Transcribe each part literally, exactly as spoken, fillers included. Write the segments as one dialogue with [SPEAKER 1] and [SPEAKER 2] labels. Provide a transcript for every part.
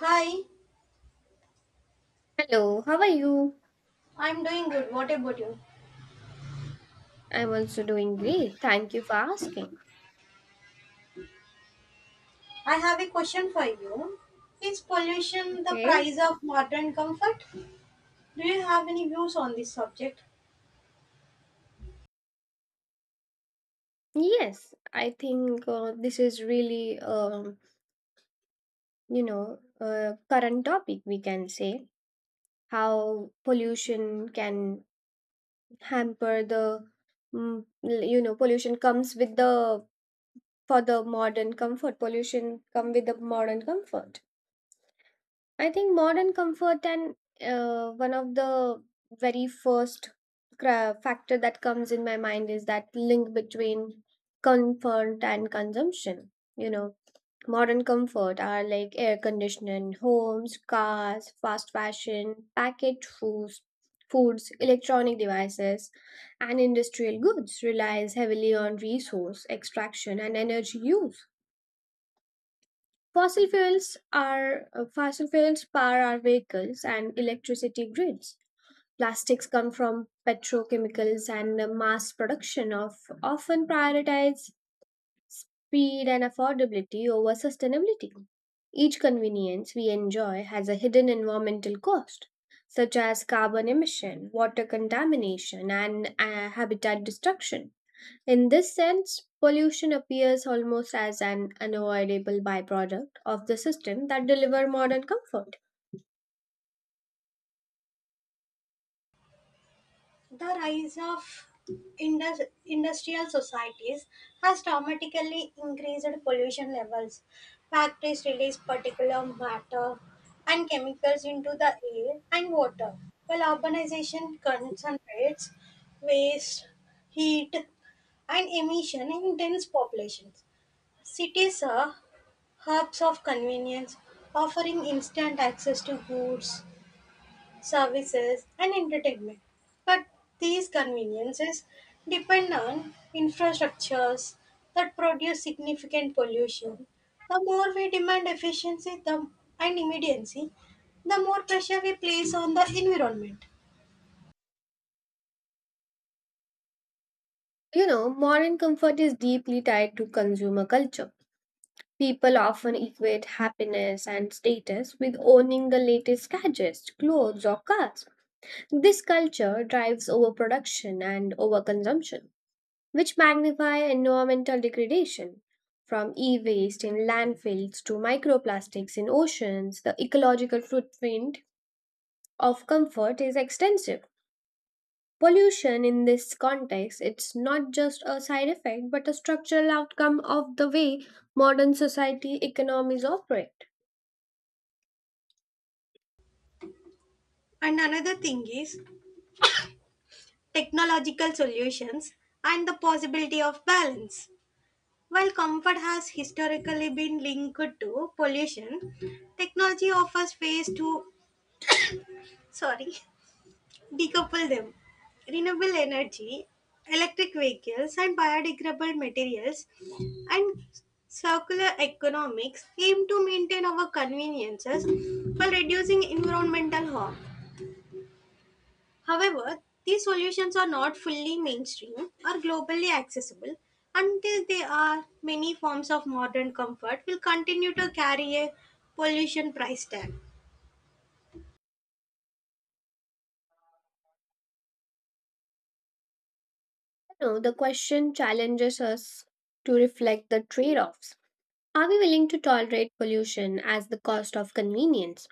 [SPEAKER 1] Hi,
[SPEAKER 2] Hello, how are you?
[SPEAKER 1] I'm doing good. What about you?
[SPEAKER 2] I'm also doing great. Thank you for asking.
[SPEAKER 1] I have a question for you. Is pollution the
[SPEAKER 2] Okay.
[SPEAKER 1] price of modern comfort? Do you have any views on this subject?
[SPEAKER 2] Yes, I think uh, this is really, um, you know, a current topic we can say how pollution can hamper the, mm, l- you know, Pollution comes with the for the modern comfort. Pollution come with the modern comfort. I think modern comfort and uh, one of the very first cra- factor that comes in my mind is that link between comfort and consumption. You know, Modern comfort are like air conditioning, homes, cars, fast fashion, packaged foods, foods, electronic devices, and industrial goods relies heavily on resource extraction and energy use. Fossil fuels are uh, fossil fuels power our vehicles and electricity grids. Plastics come from petrochemicals and uh, mass production of often prioritize speed and affordability over sustainability. Each convenience we enjoy has a hidden environmental cost, such as carbon emission, water contamination, and uh, habitat destruction. In this sense, pollution appears almost as an unavoidable byproduct of the system that deliver modern comfort.
[SPEAKER 1] The rise of indus- industrial societies has dramatically increased pollution levels. Factories release particulate matter and chemicals into the air and water, while urbanization concentrates waste, heat, and emission in dense populations. Cities are hubs of convenience, offering instant access to goods, services, and entertainment. But these conveniences depend on infrastructures that produce significant pollution. The more we demand efficiency the, and immediacy, the more pressure we place on the environment.
[SPEAKER 2] You know, modern comfort is deeply tied to consumer culture. People often equate happiness and status with owning the latest gadgets, clothes, or cars. This culture drives overproduction and overconsumption, which magnify environmental degradation. From e waste in landfills to microplastics in oceans, the ecological footprint of comfort is extensive. Pollution in this context, it's not just a side effect but a structural outcome of the way modern society economies operate.
[SPEAKER 1] And another thing is technological solutions and the possibility of balance. While comfort has historically been linked to pollution, technology offers ways to sorry decouple them. Renewable energy, electric vehicles, and biodegradable materials, and circular economics aim to maintain our conveniences while reducing environmental harm. However, these solutions are not fully mainstream or globally accessible, until they are, many forms of modern comfort will continue to carry a pollution price tag.
[SPEAKER 2] You know, the question challenges us to reflect the trade-offs. Are we willing to tolerate pollution as the cost of convenience?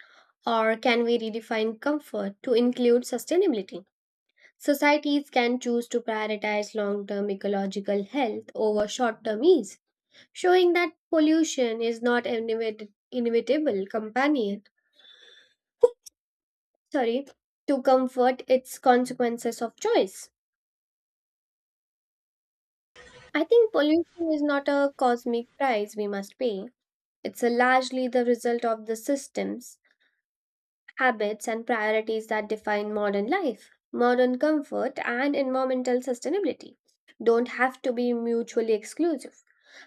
[SPEAKER 2] Or can we redefine comfort to include sustainability? Societies can choose to prioritize long term ecological health over short term ease, showing that pollution is not an inevit- inevitable companion sorry to comfort, its consequences of choice. I think pollution is not a cosmic price we must pay, it's a largely the result of the systems, habits and priorities that define modern life. Modern comfort and environmental sustainability don't have to be mutually exclusive.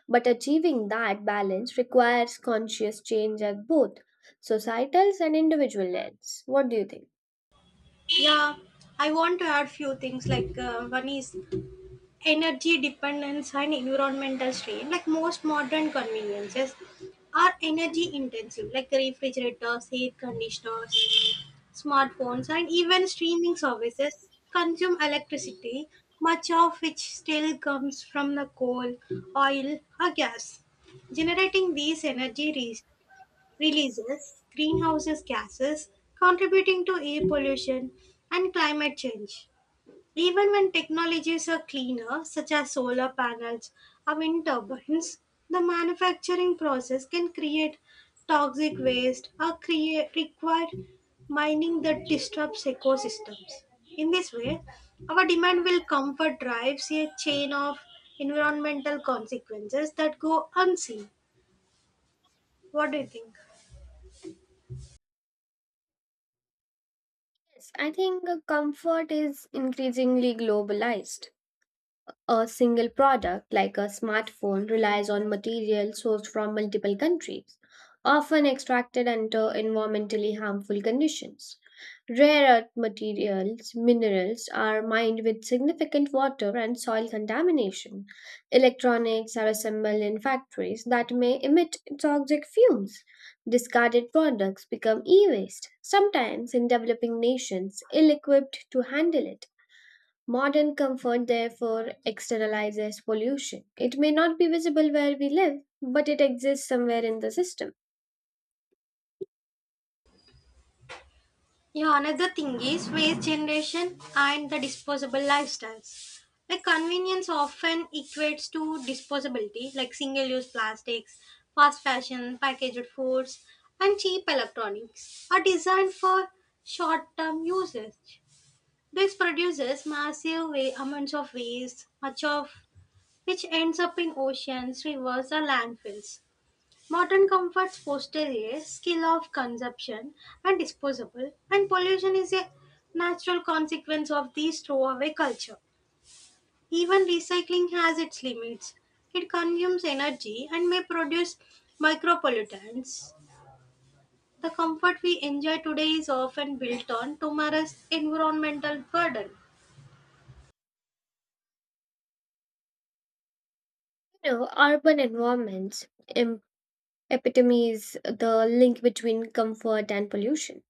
[SPEAKER 2] But achieving that balance requires conscious change at both societal and individual ends. What do you think?
[SPEAKER 1] Yeah, I want to add few things, like uh, one is energy dependence and environmental strain, like most modern conveniences are energy intensive, like refrigerators, air conditioners, smartphones, and even streaming services consume electricity, much of which still comes from the coal, oil, or gas. Generating these energy re- releases greenhouse gases, contributing to air pollution and climate change. Even when technologies are cleaner, such as solar panels or wind turbines, the manufacturing process can create toxic waste or create require mining that disrupts ecosystems. In this way, our demand will comfort drives a chain of environmental consequences that go unseen. What do you think?
[SPEAKER 2] Yes, I think uh, comfort is increasingly globalized. A single product, like a smartphone, relies on material sourced from multiple countries, often extracted under environmentally harmful conditions. Rare earth materials, minerals are mined with significant water and soil contamination. Electronics are assembled in factories that may emit toxic fumes. Discarded products become e waste, sometimes in developing nations ill equipped to handle it. Modern comfort, therefore, externalizes pollution. It may not be visible where we live, but it exists somewhere in the system.
[SPEAKER 1] Yeah, another thing is waste generation and the disposable lifestyles. Like convenience often equates to disposability, like single use plastics, fast fashion, packaged foods, and cheap electronics are designed for short term usage. This produces massive wa- amounts of waste, much of which ends up in oceans, rivers, or landfills. Modern comforts foster a skill of consumption and disposable, and pollution is a natural consequence of this throwaway culture. Even recycling has its limits. It consumes energy and may produce micropollutants. The comfort we enjoy today is often built on tomorrow's environmental burden.
[SPEAKER 2] You know, urban environments em- epitomize the link between comfort and pollution.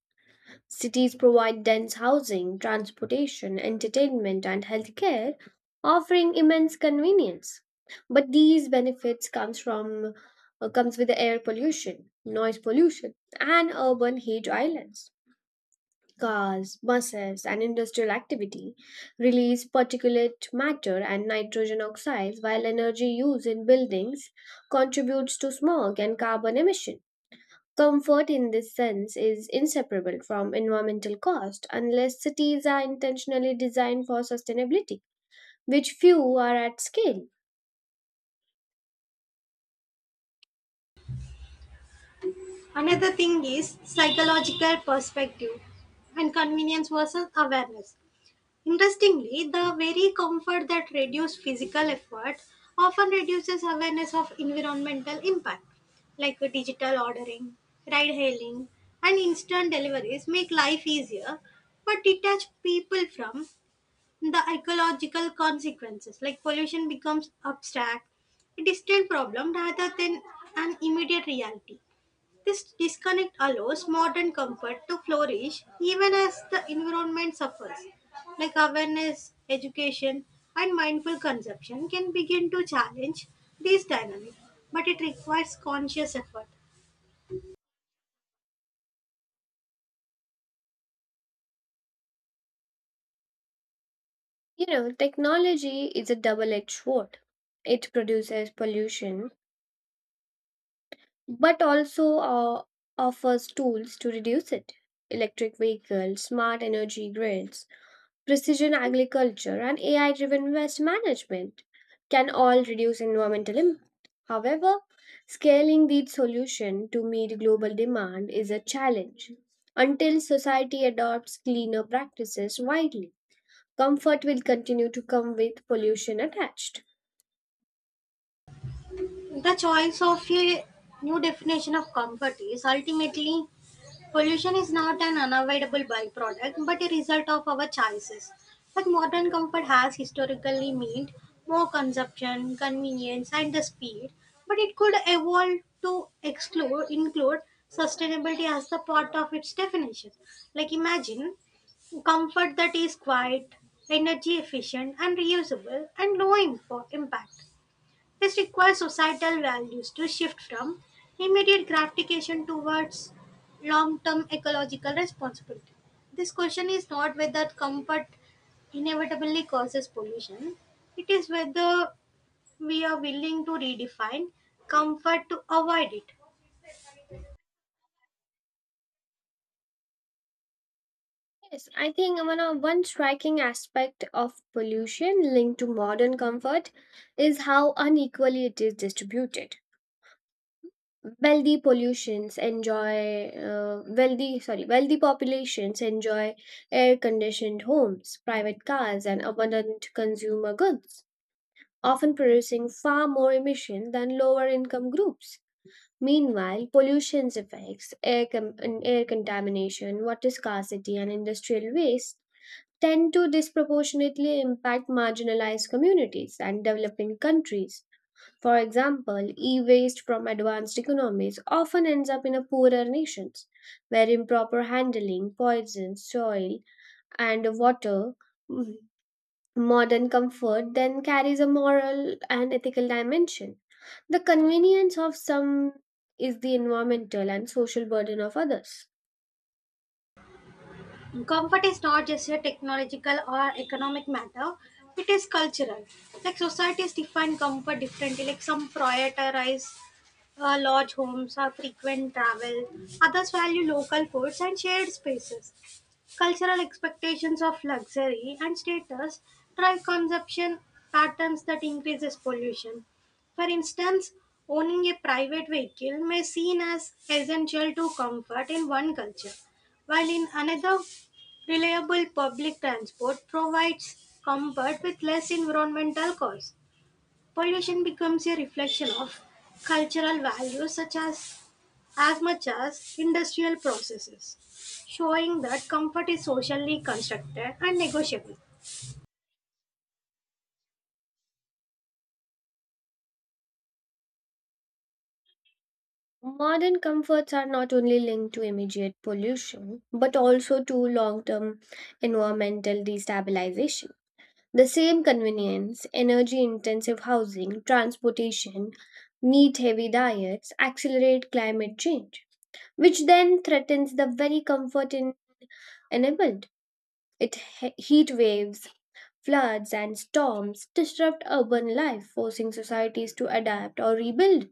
[SPEAKER 2] Cities provide dense housing, transportation, entertainment, and healthcare, offering immense convenience. But these benefits comes from uh, comes with the air pollution, noise pollution, and urban heat islands. Cars, buses, and industrial activity release particulate matter and nitrogen oxides, while energy used in buildings contributes to smog and carbon emission. Comfort in this sense is inseparable from environmental cost unless cities are intentionally designed for sustainability, which few are at scale.
[SPEAKER 1] Another thing is psychological perspective and convenience versus awareness. Interestingly, the very comfort that reduced physical effort often reduces awareness of environmental impact, like digital ordering, ride hailing, and instant deliveries make life easier, but detach people from the ecological consequences, like pollution becomes abstract, a distant problem rather than an immediate reality. This disconnect allows modern comfort to flourish even as the environment suffers. Like awareness, education, and mindful consumption can begin to challenge these dynamics, but it requires conscious effort.
[SPEAKER 2] You know, technology is a double edged sword. It produces pollution but also uh, offers tools to reduce it: electric vehicles, smart energy grids, precision agriculture, and A I driven waste management can all reduce environmental impact. However, scaling these solutions to meet global demand is a challenge. Until society adopts cleaner practices widely, comfort will continue to come with pollution attached.
[SPEAKER 1] The choice of a new definition of comfort is ultimately pollution is not an unavoidable byproduct but a result of our choices. But modern comfort has historically meant more consumption, convenience, and the speed, but it could evolve to exclude, include sustainability as the part of its definition. Like imagine comfort that is quiet, energy efficient, and reusable, and low info impact. This requires societal values to shift from immediate gratification towards long term ecological responsibility. This question is not whether comfort inevitably causes pollution, it is whether we are willing to redefine comfort to avoid it.
[SPEAKER 2] Yes, I think one of one striking aspect of pollution linked to modern comfort is how unequally it is distributed. Wealthy pollutions enjoy uh, wealthy sorry wealthy populations enjoy air conditioned homes, private cars, and abundant consumer goods, often producing far more emissions than lower income groups. Meanwhile, pollution's effects, air, com- and air contamination, water scarcity, and industrial waste tend to disproportionately impact marginalized communities and developing countries. For example, e waste from advanced economies often ends up in a poorer nations, where improper handling poisons soil and water. mm, Modern comfort then carries a moral and ethical dimension. The convenience of some is the environmental and social burden of others.
[SPEAKER 1] Comfort is not just a technological or economic matter, it is cultural. Like societies define comfort differently, like some prioritize uh, lodge homes or frequent travel, others value local foods and shared spaces. Cultural expectations of luxury and status drive consumption patterns that increases pollution. For instance, owning a private vehicle may seen as essential to comfort in one culture, while in another, reliable public transport provides comfort with less environmental costs. Pollution becomes a reflection of cultural values such as as much as industrial processes, showing that comfort is socially constructed and negotiable.
[SPEAKER 2] Modern comforts are not only linked to immediate pollution, but also to long term environmental destabilization. The same convenience, energy intensive housing, transportation, meat heavy diets accelerate climate change, which then threatens the very comfort in- enabled. It he- heat waves, floods, and storms disrupt urban life, forcing societies to adapt or rebuild.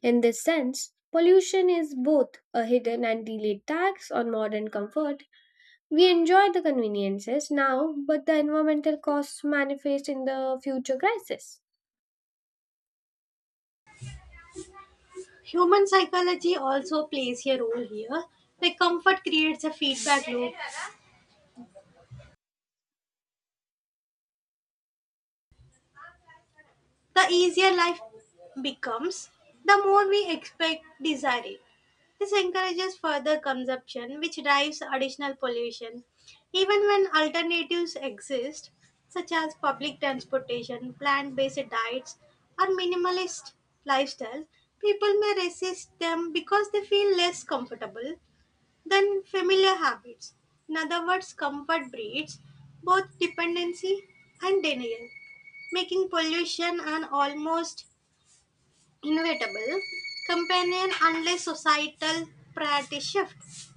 [SPEAKER 2] In this sense, pollution is both a hidden and delayed tax on modern comfort. We enjoy the conveniences now, but the environmental costs manifest in the future crisis.
[SPEAKER 1] Human psychology also plays a role here, like comfort creates a feedback loop. The easier life becomes, the more we expect, desire it. This encourages further consumption, which drives additional pollution. Even when alternatives exist, such as public transportation, plant based diets, or minimalist lifestyles, people may resist them because they feel less comfortable. Then familiar habits. In other words, comfort breeds both dependency and denial, making pollution an almost inevitable companion unless societal priorities shift.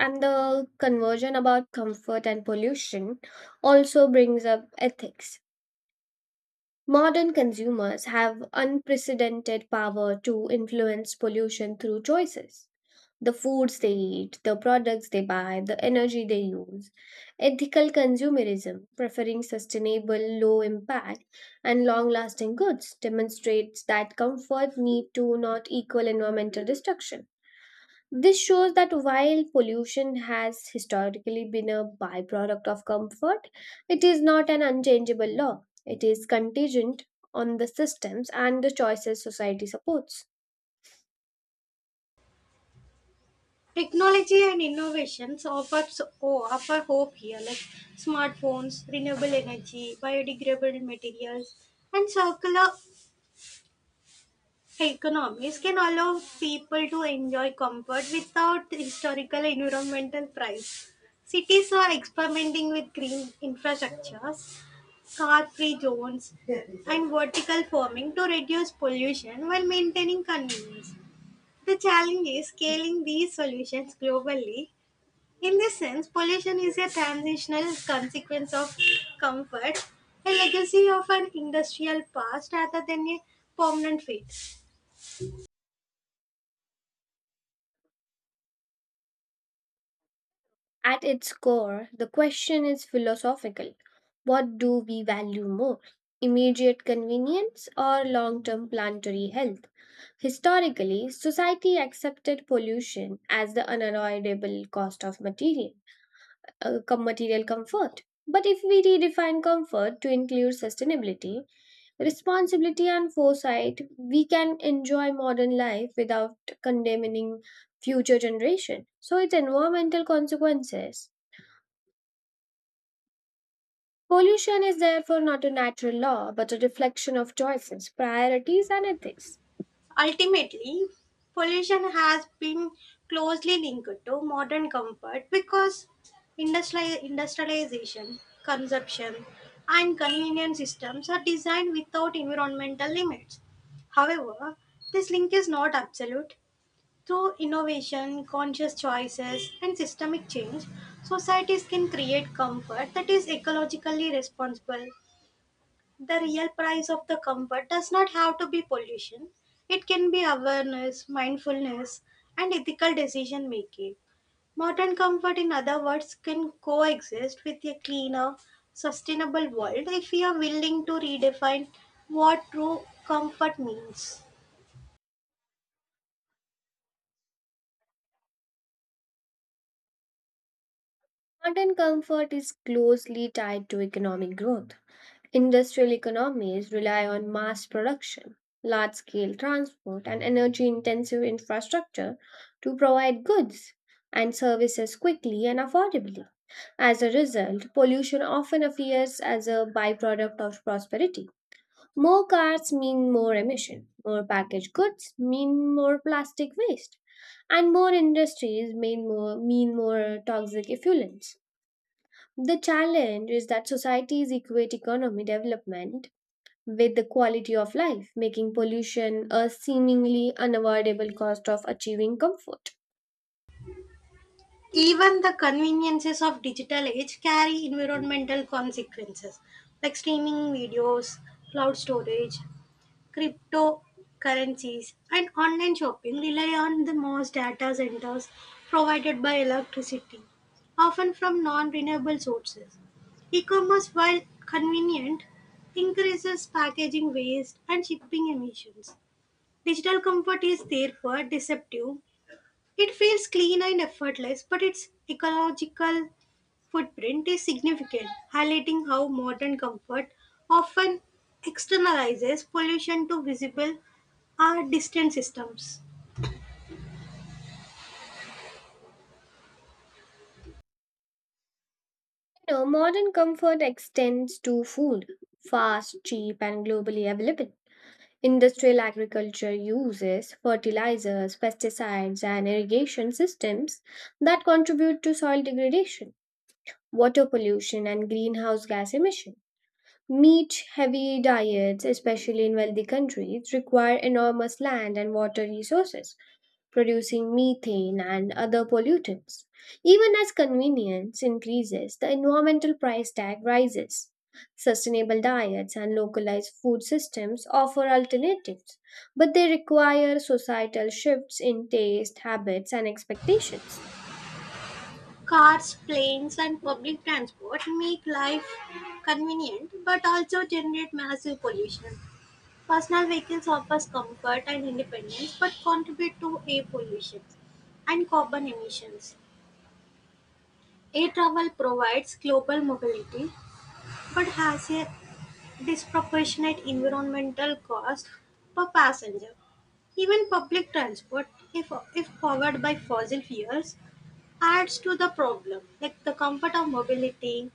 [SPEAKER 2] And the conversion about comfort and pollution also brings up ethics. Modern consumers have unprecedented power to influence pollution through choices: the foods they eat, the products they buy, the energy they use. Ethical consumerism, preferring sustainable, low impact, and long lasting goods, demonstrates that comfort need to not equal environmental destruction. This shows that while pollution has historically been a byproduct of comfort, it is not an unchangeable law. It is contingent on the systems and the choices society supports.
[SPEAKER 1] Technology and innovations offer, so- oh, offer hope here, like smartphones, renewable energy, biodegradable materials, and circular economies can allow people to enjoy comfort without historical environmental price. Cities are experimenting with green infrastructures, car-free zones, and vertical farming to reduce pollution while maintaining convenience. The challenge is scaling these solutions globally. In this sense, pollution is a transitional consequence of comfort, a legacy of an industrial past rather than a permanent fate.
[SPEAKER 2] At its core, the question is philosophical. What do we value more? Immediate convenience or long term planetary health? Historically, society accepted pollution as the unavoidable cost of material, uh, com- material comfort. But if we redefine comfort to include sustainability, responsibility, and foresight, we can enjoy modern life without condemning future generation. So its environmental consequences. Pollution is therefore not a natural law but a reflection of choices, priorities, and ethics.
[SPEAKER 1] Ultimately, pollution has been closely linked to modern comfort because industri- industrialization, consumption, and convenience systems are designed without environmental limits. However, this link is not absolute. Through innovation, conscious choices, and systemic change, societies can create comfort that is ecologically responsible. The real price of the comfort does not have to be pollution. It can be awareness, mindfulness, and ethical decision making. Modern comfort, in other words, can coexist with a cleaner, sustainable world if we are willing to redefine what true comfort means.
[SPEAKER 2] Modern comfort is closely tied to economic growth. Industrial economies rely on mass production, large scale transport, and energy intensive infrastructure to provide goods and services quickly and affordably. As a result, pollution often appears as a byproduct of prosperity. More cars mean more emission, more packaged goods mean more plastic waste, and more industries mean more, mean more toxic effluents. The challenge is that societies equate economic development with the quality of life, making pollution a seemingly unavoidable cost of achieving comfort.
[SPEAKER 1] Even the conveniences of digital age carry environmental consequences, like streaming videos, cloud storage, cryptocurrencies, and online shopping rely on the most data centers provided by electricity, often from non-renewable sources. E-commerce, while convenient, increases packaging waste and shipping emissions. Digital comfort is therefore deceptive, it feels clean and effortless, but its ecological footprint is significant, highlighting how modern comfort often externalizes pollution to visible or distant systems.
[SPEAKER 2] You know, modern comfort extends to food, fast, cheap, and globally available. Industrial agriculture uses fertilizers, pesticides, and irrigation systems that contribute to soil degradation, water pollution, and greenhouse gas emission. Meat heavy diets, especially in wealthy countries, require enormous land and water resources producing methane and other pollutants. Even as convenience increases, the environmental price tag rises. Sustainable diets and localized food systems offer alternatives, but they require societal shifts in taste, habits, and expectations.
[SPEAKER 1] Cars, planes, and public transport make life convenient but also generate massive pollution. Personal vehicles offer comfort and independence but contribute to air pollution and carbon emissions. Air travel provides global mobility but has a disproportionate environmental cost per passenger. Even public transport, if, if powered by fossil fuels, adds to the problem. Like the comfort of mobility,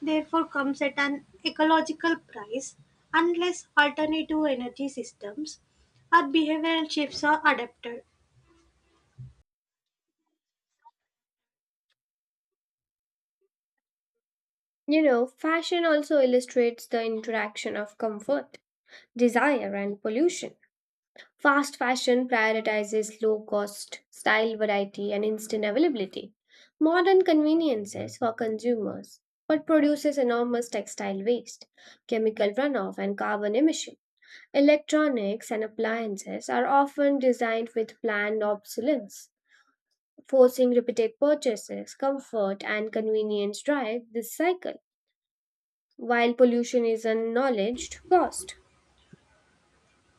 [SPEAKER 1] therefore, comes at an ecological price unless alternative energy systems or behavioral shifts are adapted.
[SPEAKER 2] You know, fashion also illustrates the interaction of comfort, desire, and pollution. Fast fashion prioritizes low cost, style variety, and instant availability. Modern conveniences for consumers, but produces enormous textile waste, chemical runoff, and carbon emission. Electronics and appliances are often designed with planned obsolescence, forcing repeated purchases, comfort, and convenience drive this cycle, while pollution is acknowledged cost.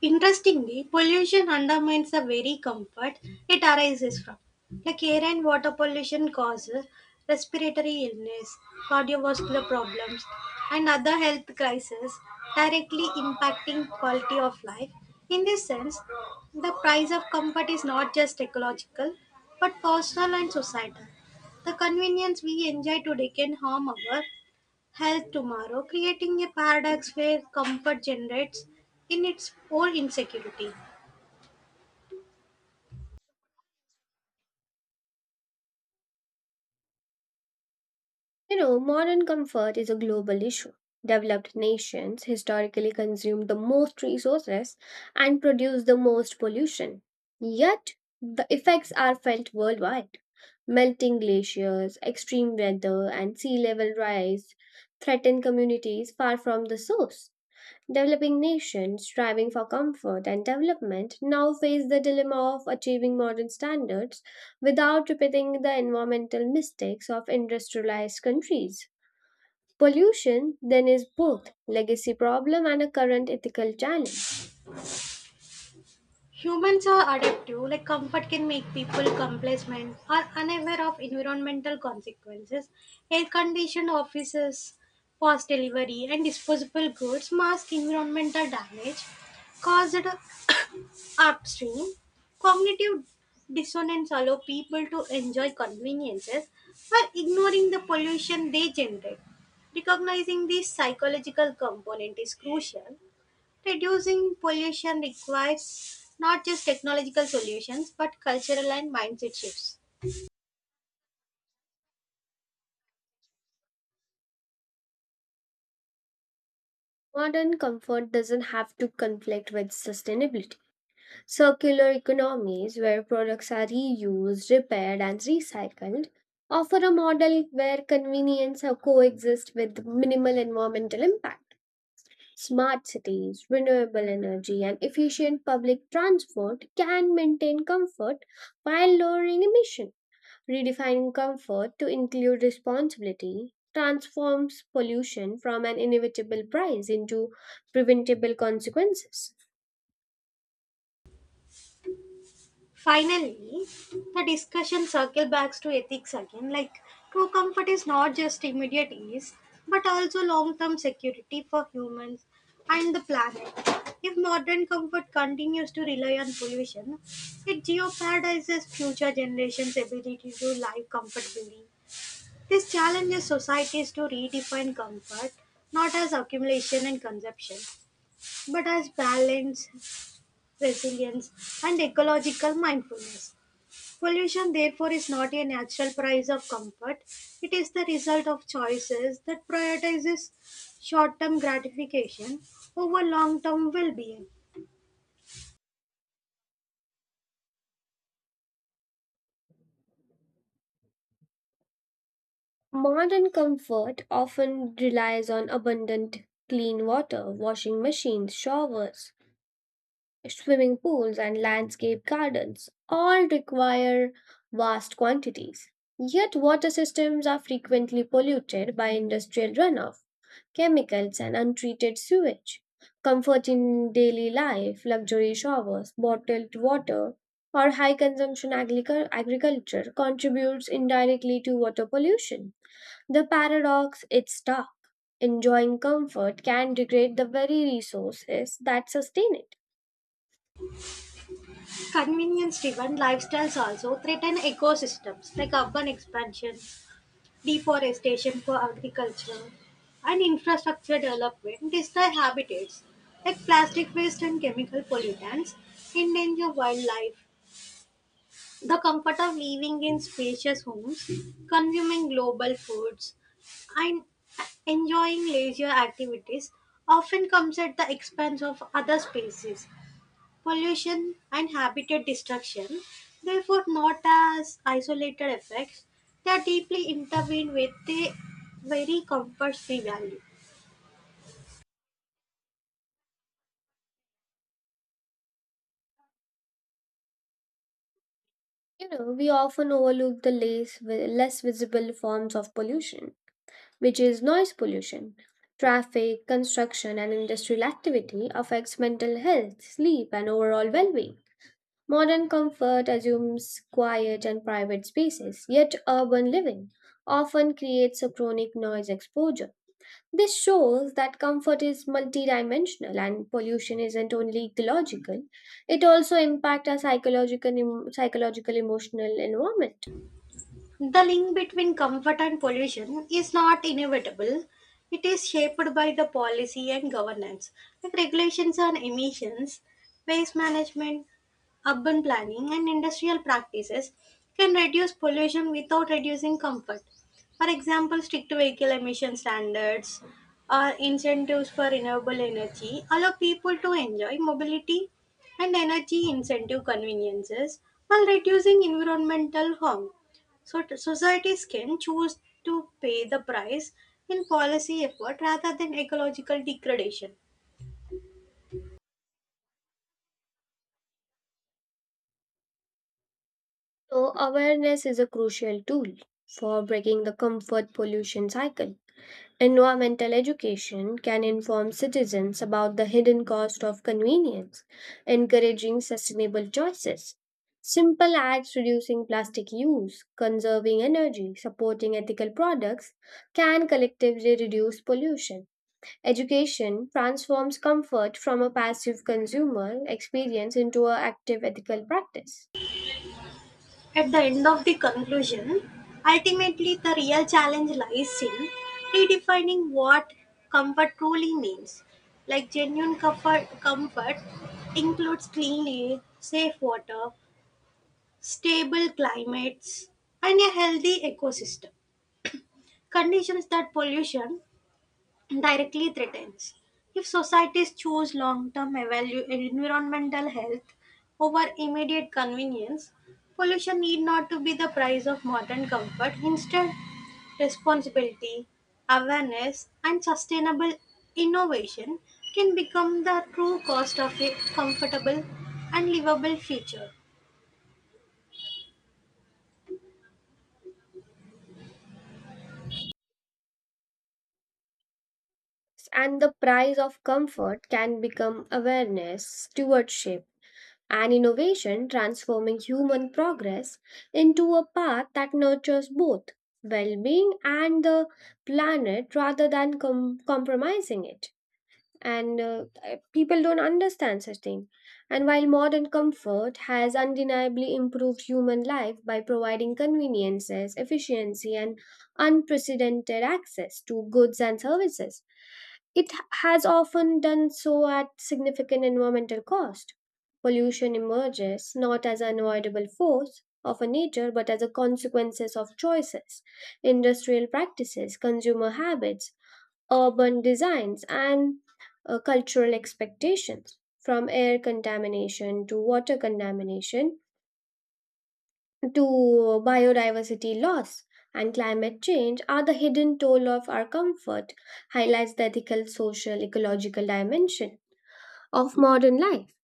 [SPEAKER 1] Interestingly, pollution undermines the very comfort it arises from. Like air and water pollution causes respiratory illness, cardiovascular problems, and other health crises, directly impacting quality of life. In this sense, the price of comfort is not just ecological, but personal and societal. The convenience we enjoy today can harm our health tomorrow, creating a paradox where comfort generates in its own insecurity.
[SPEAKER 2] You know, modern comfort is a global issue. Developed nations historically consume the most resources and produce the most pollution. Yet, the effects are felt worldwide. Melting glaciers, extreme weather, and sea level rise threaten communities far from the source. Developing nations striving for comfort and development now face the dilemma of achieving modern standards without repeating the environmental mistakes of industrialized countries. Pollution then is both legacy problem and a current ethical challenge.
[SPEAKER 1] Humans are adaptive, like comfort can make people complacent or unaware of environmental consequences. Air conditioned offices, fast delivery, and disposable goods mask environmental damage caused upstream, cognitive dissonance allows people to enjoy conveniences while ignoring the pollution they generate. Recognizing this psychological component is crucial. Reducing pollution requires not just technological solutions but cultural and mindset shifts.
[SPEAKER 2] Modern comfort doesn't have to conflict with sustainability. Circular economies, where products are reused, repaired, and recycled, offer a model where convenience coexist with minimal environmental impact. Smart cities, renewable energy, and efficient public transport can maintain comfort while lowering emission. Redefining comfort to include responsibility transforms pollution from an inevitable price into preventable consequences.
[SPEAKER 1] Finally, the discussion circles back to ethics again. Like, true comfort is not just immediate ease, but also long term security for humans and the planet. If modern comfort continues to rely on pollution, it jeopardizes future generations' ability to live comfortably. This challenges societies to redefine comfort not as accumulation and consumption, but as balance, resilience, and ecological mindfulness. Pollution, therefore, is not a natural price of comfort. It is the result of choices that prioritizes short-term gratification over long-term well-being.
[SPEAKER 2] Modern comfort often relies on abundant clean water, washing machines, showers, swimming pools, and landscape gardens. All require vast quantities. Yet, water systems are frequently polluted by industrial runoff, chemicals, and untreated sewage. Comfort in daily life, luxury showers, bottled water, or high consumption agricu- agriculture contributes indirectly to water pollution. The paradox is stark. Enjoying comfort can degrade the very resources that sustain it.
[SPEAKER 1] Convenience-driven lifestyles also threaten ecosystems, like urban expansion, deforestation for agriculture, and infrastructure development destroy habitats, like plastic waste and chemical pollutants endanger wildlife. The comfort of living in spacious homes, consuming global foods, and enjoying leisure activities often comes at the expense of other spaces, pollution, and habitat destruction. Therefore, not as isolated effects, they are deeply intertwined with the very comforts we value.
[SPEAKER 2] You know, we often overlook the less, vi- less visible forms of pollution, which is noise pollution. Traffic, construction, and industrial activity affects mental health, sleep, and overall well being. Modern comfort assumes quiet and private spaces, yet urban living often creates a chronic noise exposure. This shows that comfort is multidimensional and pollution isn't only ecological, it also impacts our psychological, em- psychological emotional environment.
[SPEAKER 1] The link between comfort and pollution is not inevitable. It is shaped by the policy and governance, like regulations on emissions, waste management, urban planning, and industrial practices can reduce pollution without reducing comfort. For example, strict vehicle emission standards or incentives for renewable energy allow people to enjoy mobility and energy incentive conveniences while reducing environmental harm. So t- societies can choose to pay the price in policy effort rather than ecological degradation.
[SPEAKER 2] So, awareness is a crucial tool for breaking the comfort pollution cycle. Environmental education can inform citizens about the hidden cost of convenience, encouraging sustainable choices. Simple acts reducing plastic use, conserving energy, supporting ethical products can collectively reduce pollution. Education transforms comfort from a passive consumer experience into an active ethical practice.
[SPEAKER 1] At the end of the conclusion, ultimately the real challenge lies in redefining what comfort truly means. Like genuine comfort, comfort includes clean air, safe water, stable climates, and a healthy ecosystem. Conditions that pollution directly threatens. If societies choose long term environmental health over immediate convenience, pollution need not to be the price of modern comfort. Instead, responsibility, awareness, and sustainable innovation can become the true cost of a comfortable and livable future.
[SPEAKER 2] And the price of comfort can become awareness, stewardship, and innovation transforming human progress into a path that nurtures both well being and the planet rather than com- compromising it. And uh, uh, people don't understand such thing, and while modern comfort has undeniably improved human life by providing conveniences efficiency and unprecedented access to goods and services, it has often done so at significant environmental cost. Pollution emerges not as an avoidable force of a nature but as a consequences of choices, industrial practices, consumer habits, urban designs, and uh, cultural expectations. From air contamination to water contamination to biodiversity loss and climate change are the hidden toll of our comfort, highlights the ethical social ecological dimension of modern life.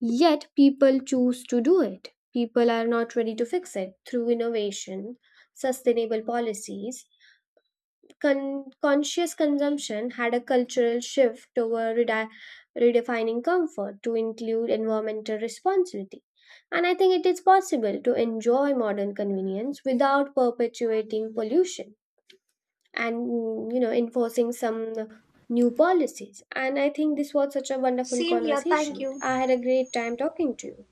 [SPEAKER 2] Yet people choose to do it, people are not ready to fix it through innovation, sustainable policies, Con- conscious consumption had a cultural shift toward redi- redefining comfort to include environmental responsibility. And I think it is possible to enjoy modern convenience without perpetuating pollution and mm, you know enforcing some new policies. And I think this was such a wonderful
[SPEAKER 1] Same here, thank
[SPEAKER 2] conversation.
[SPEAKER 1] you.
[SPEAKER 2] I had a great time talking to you.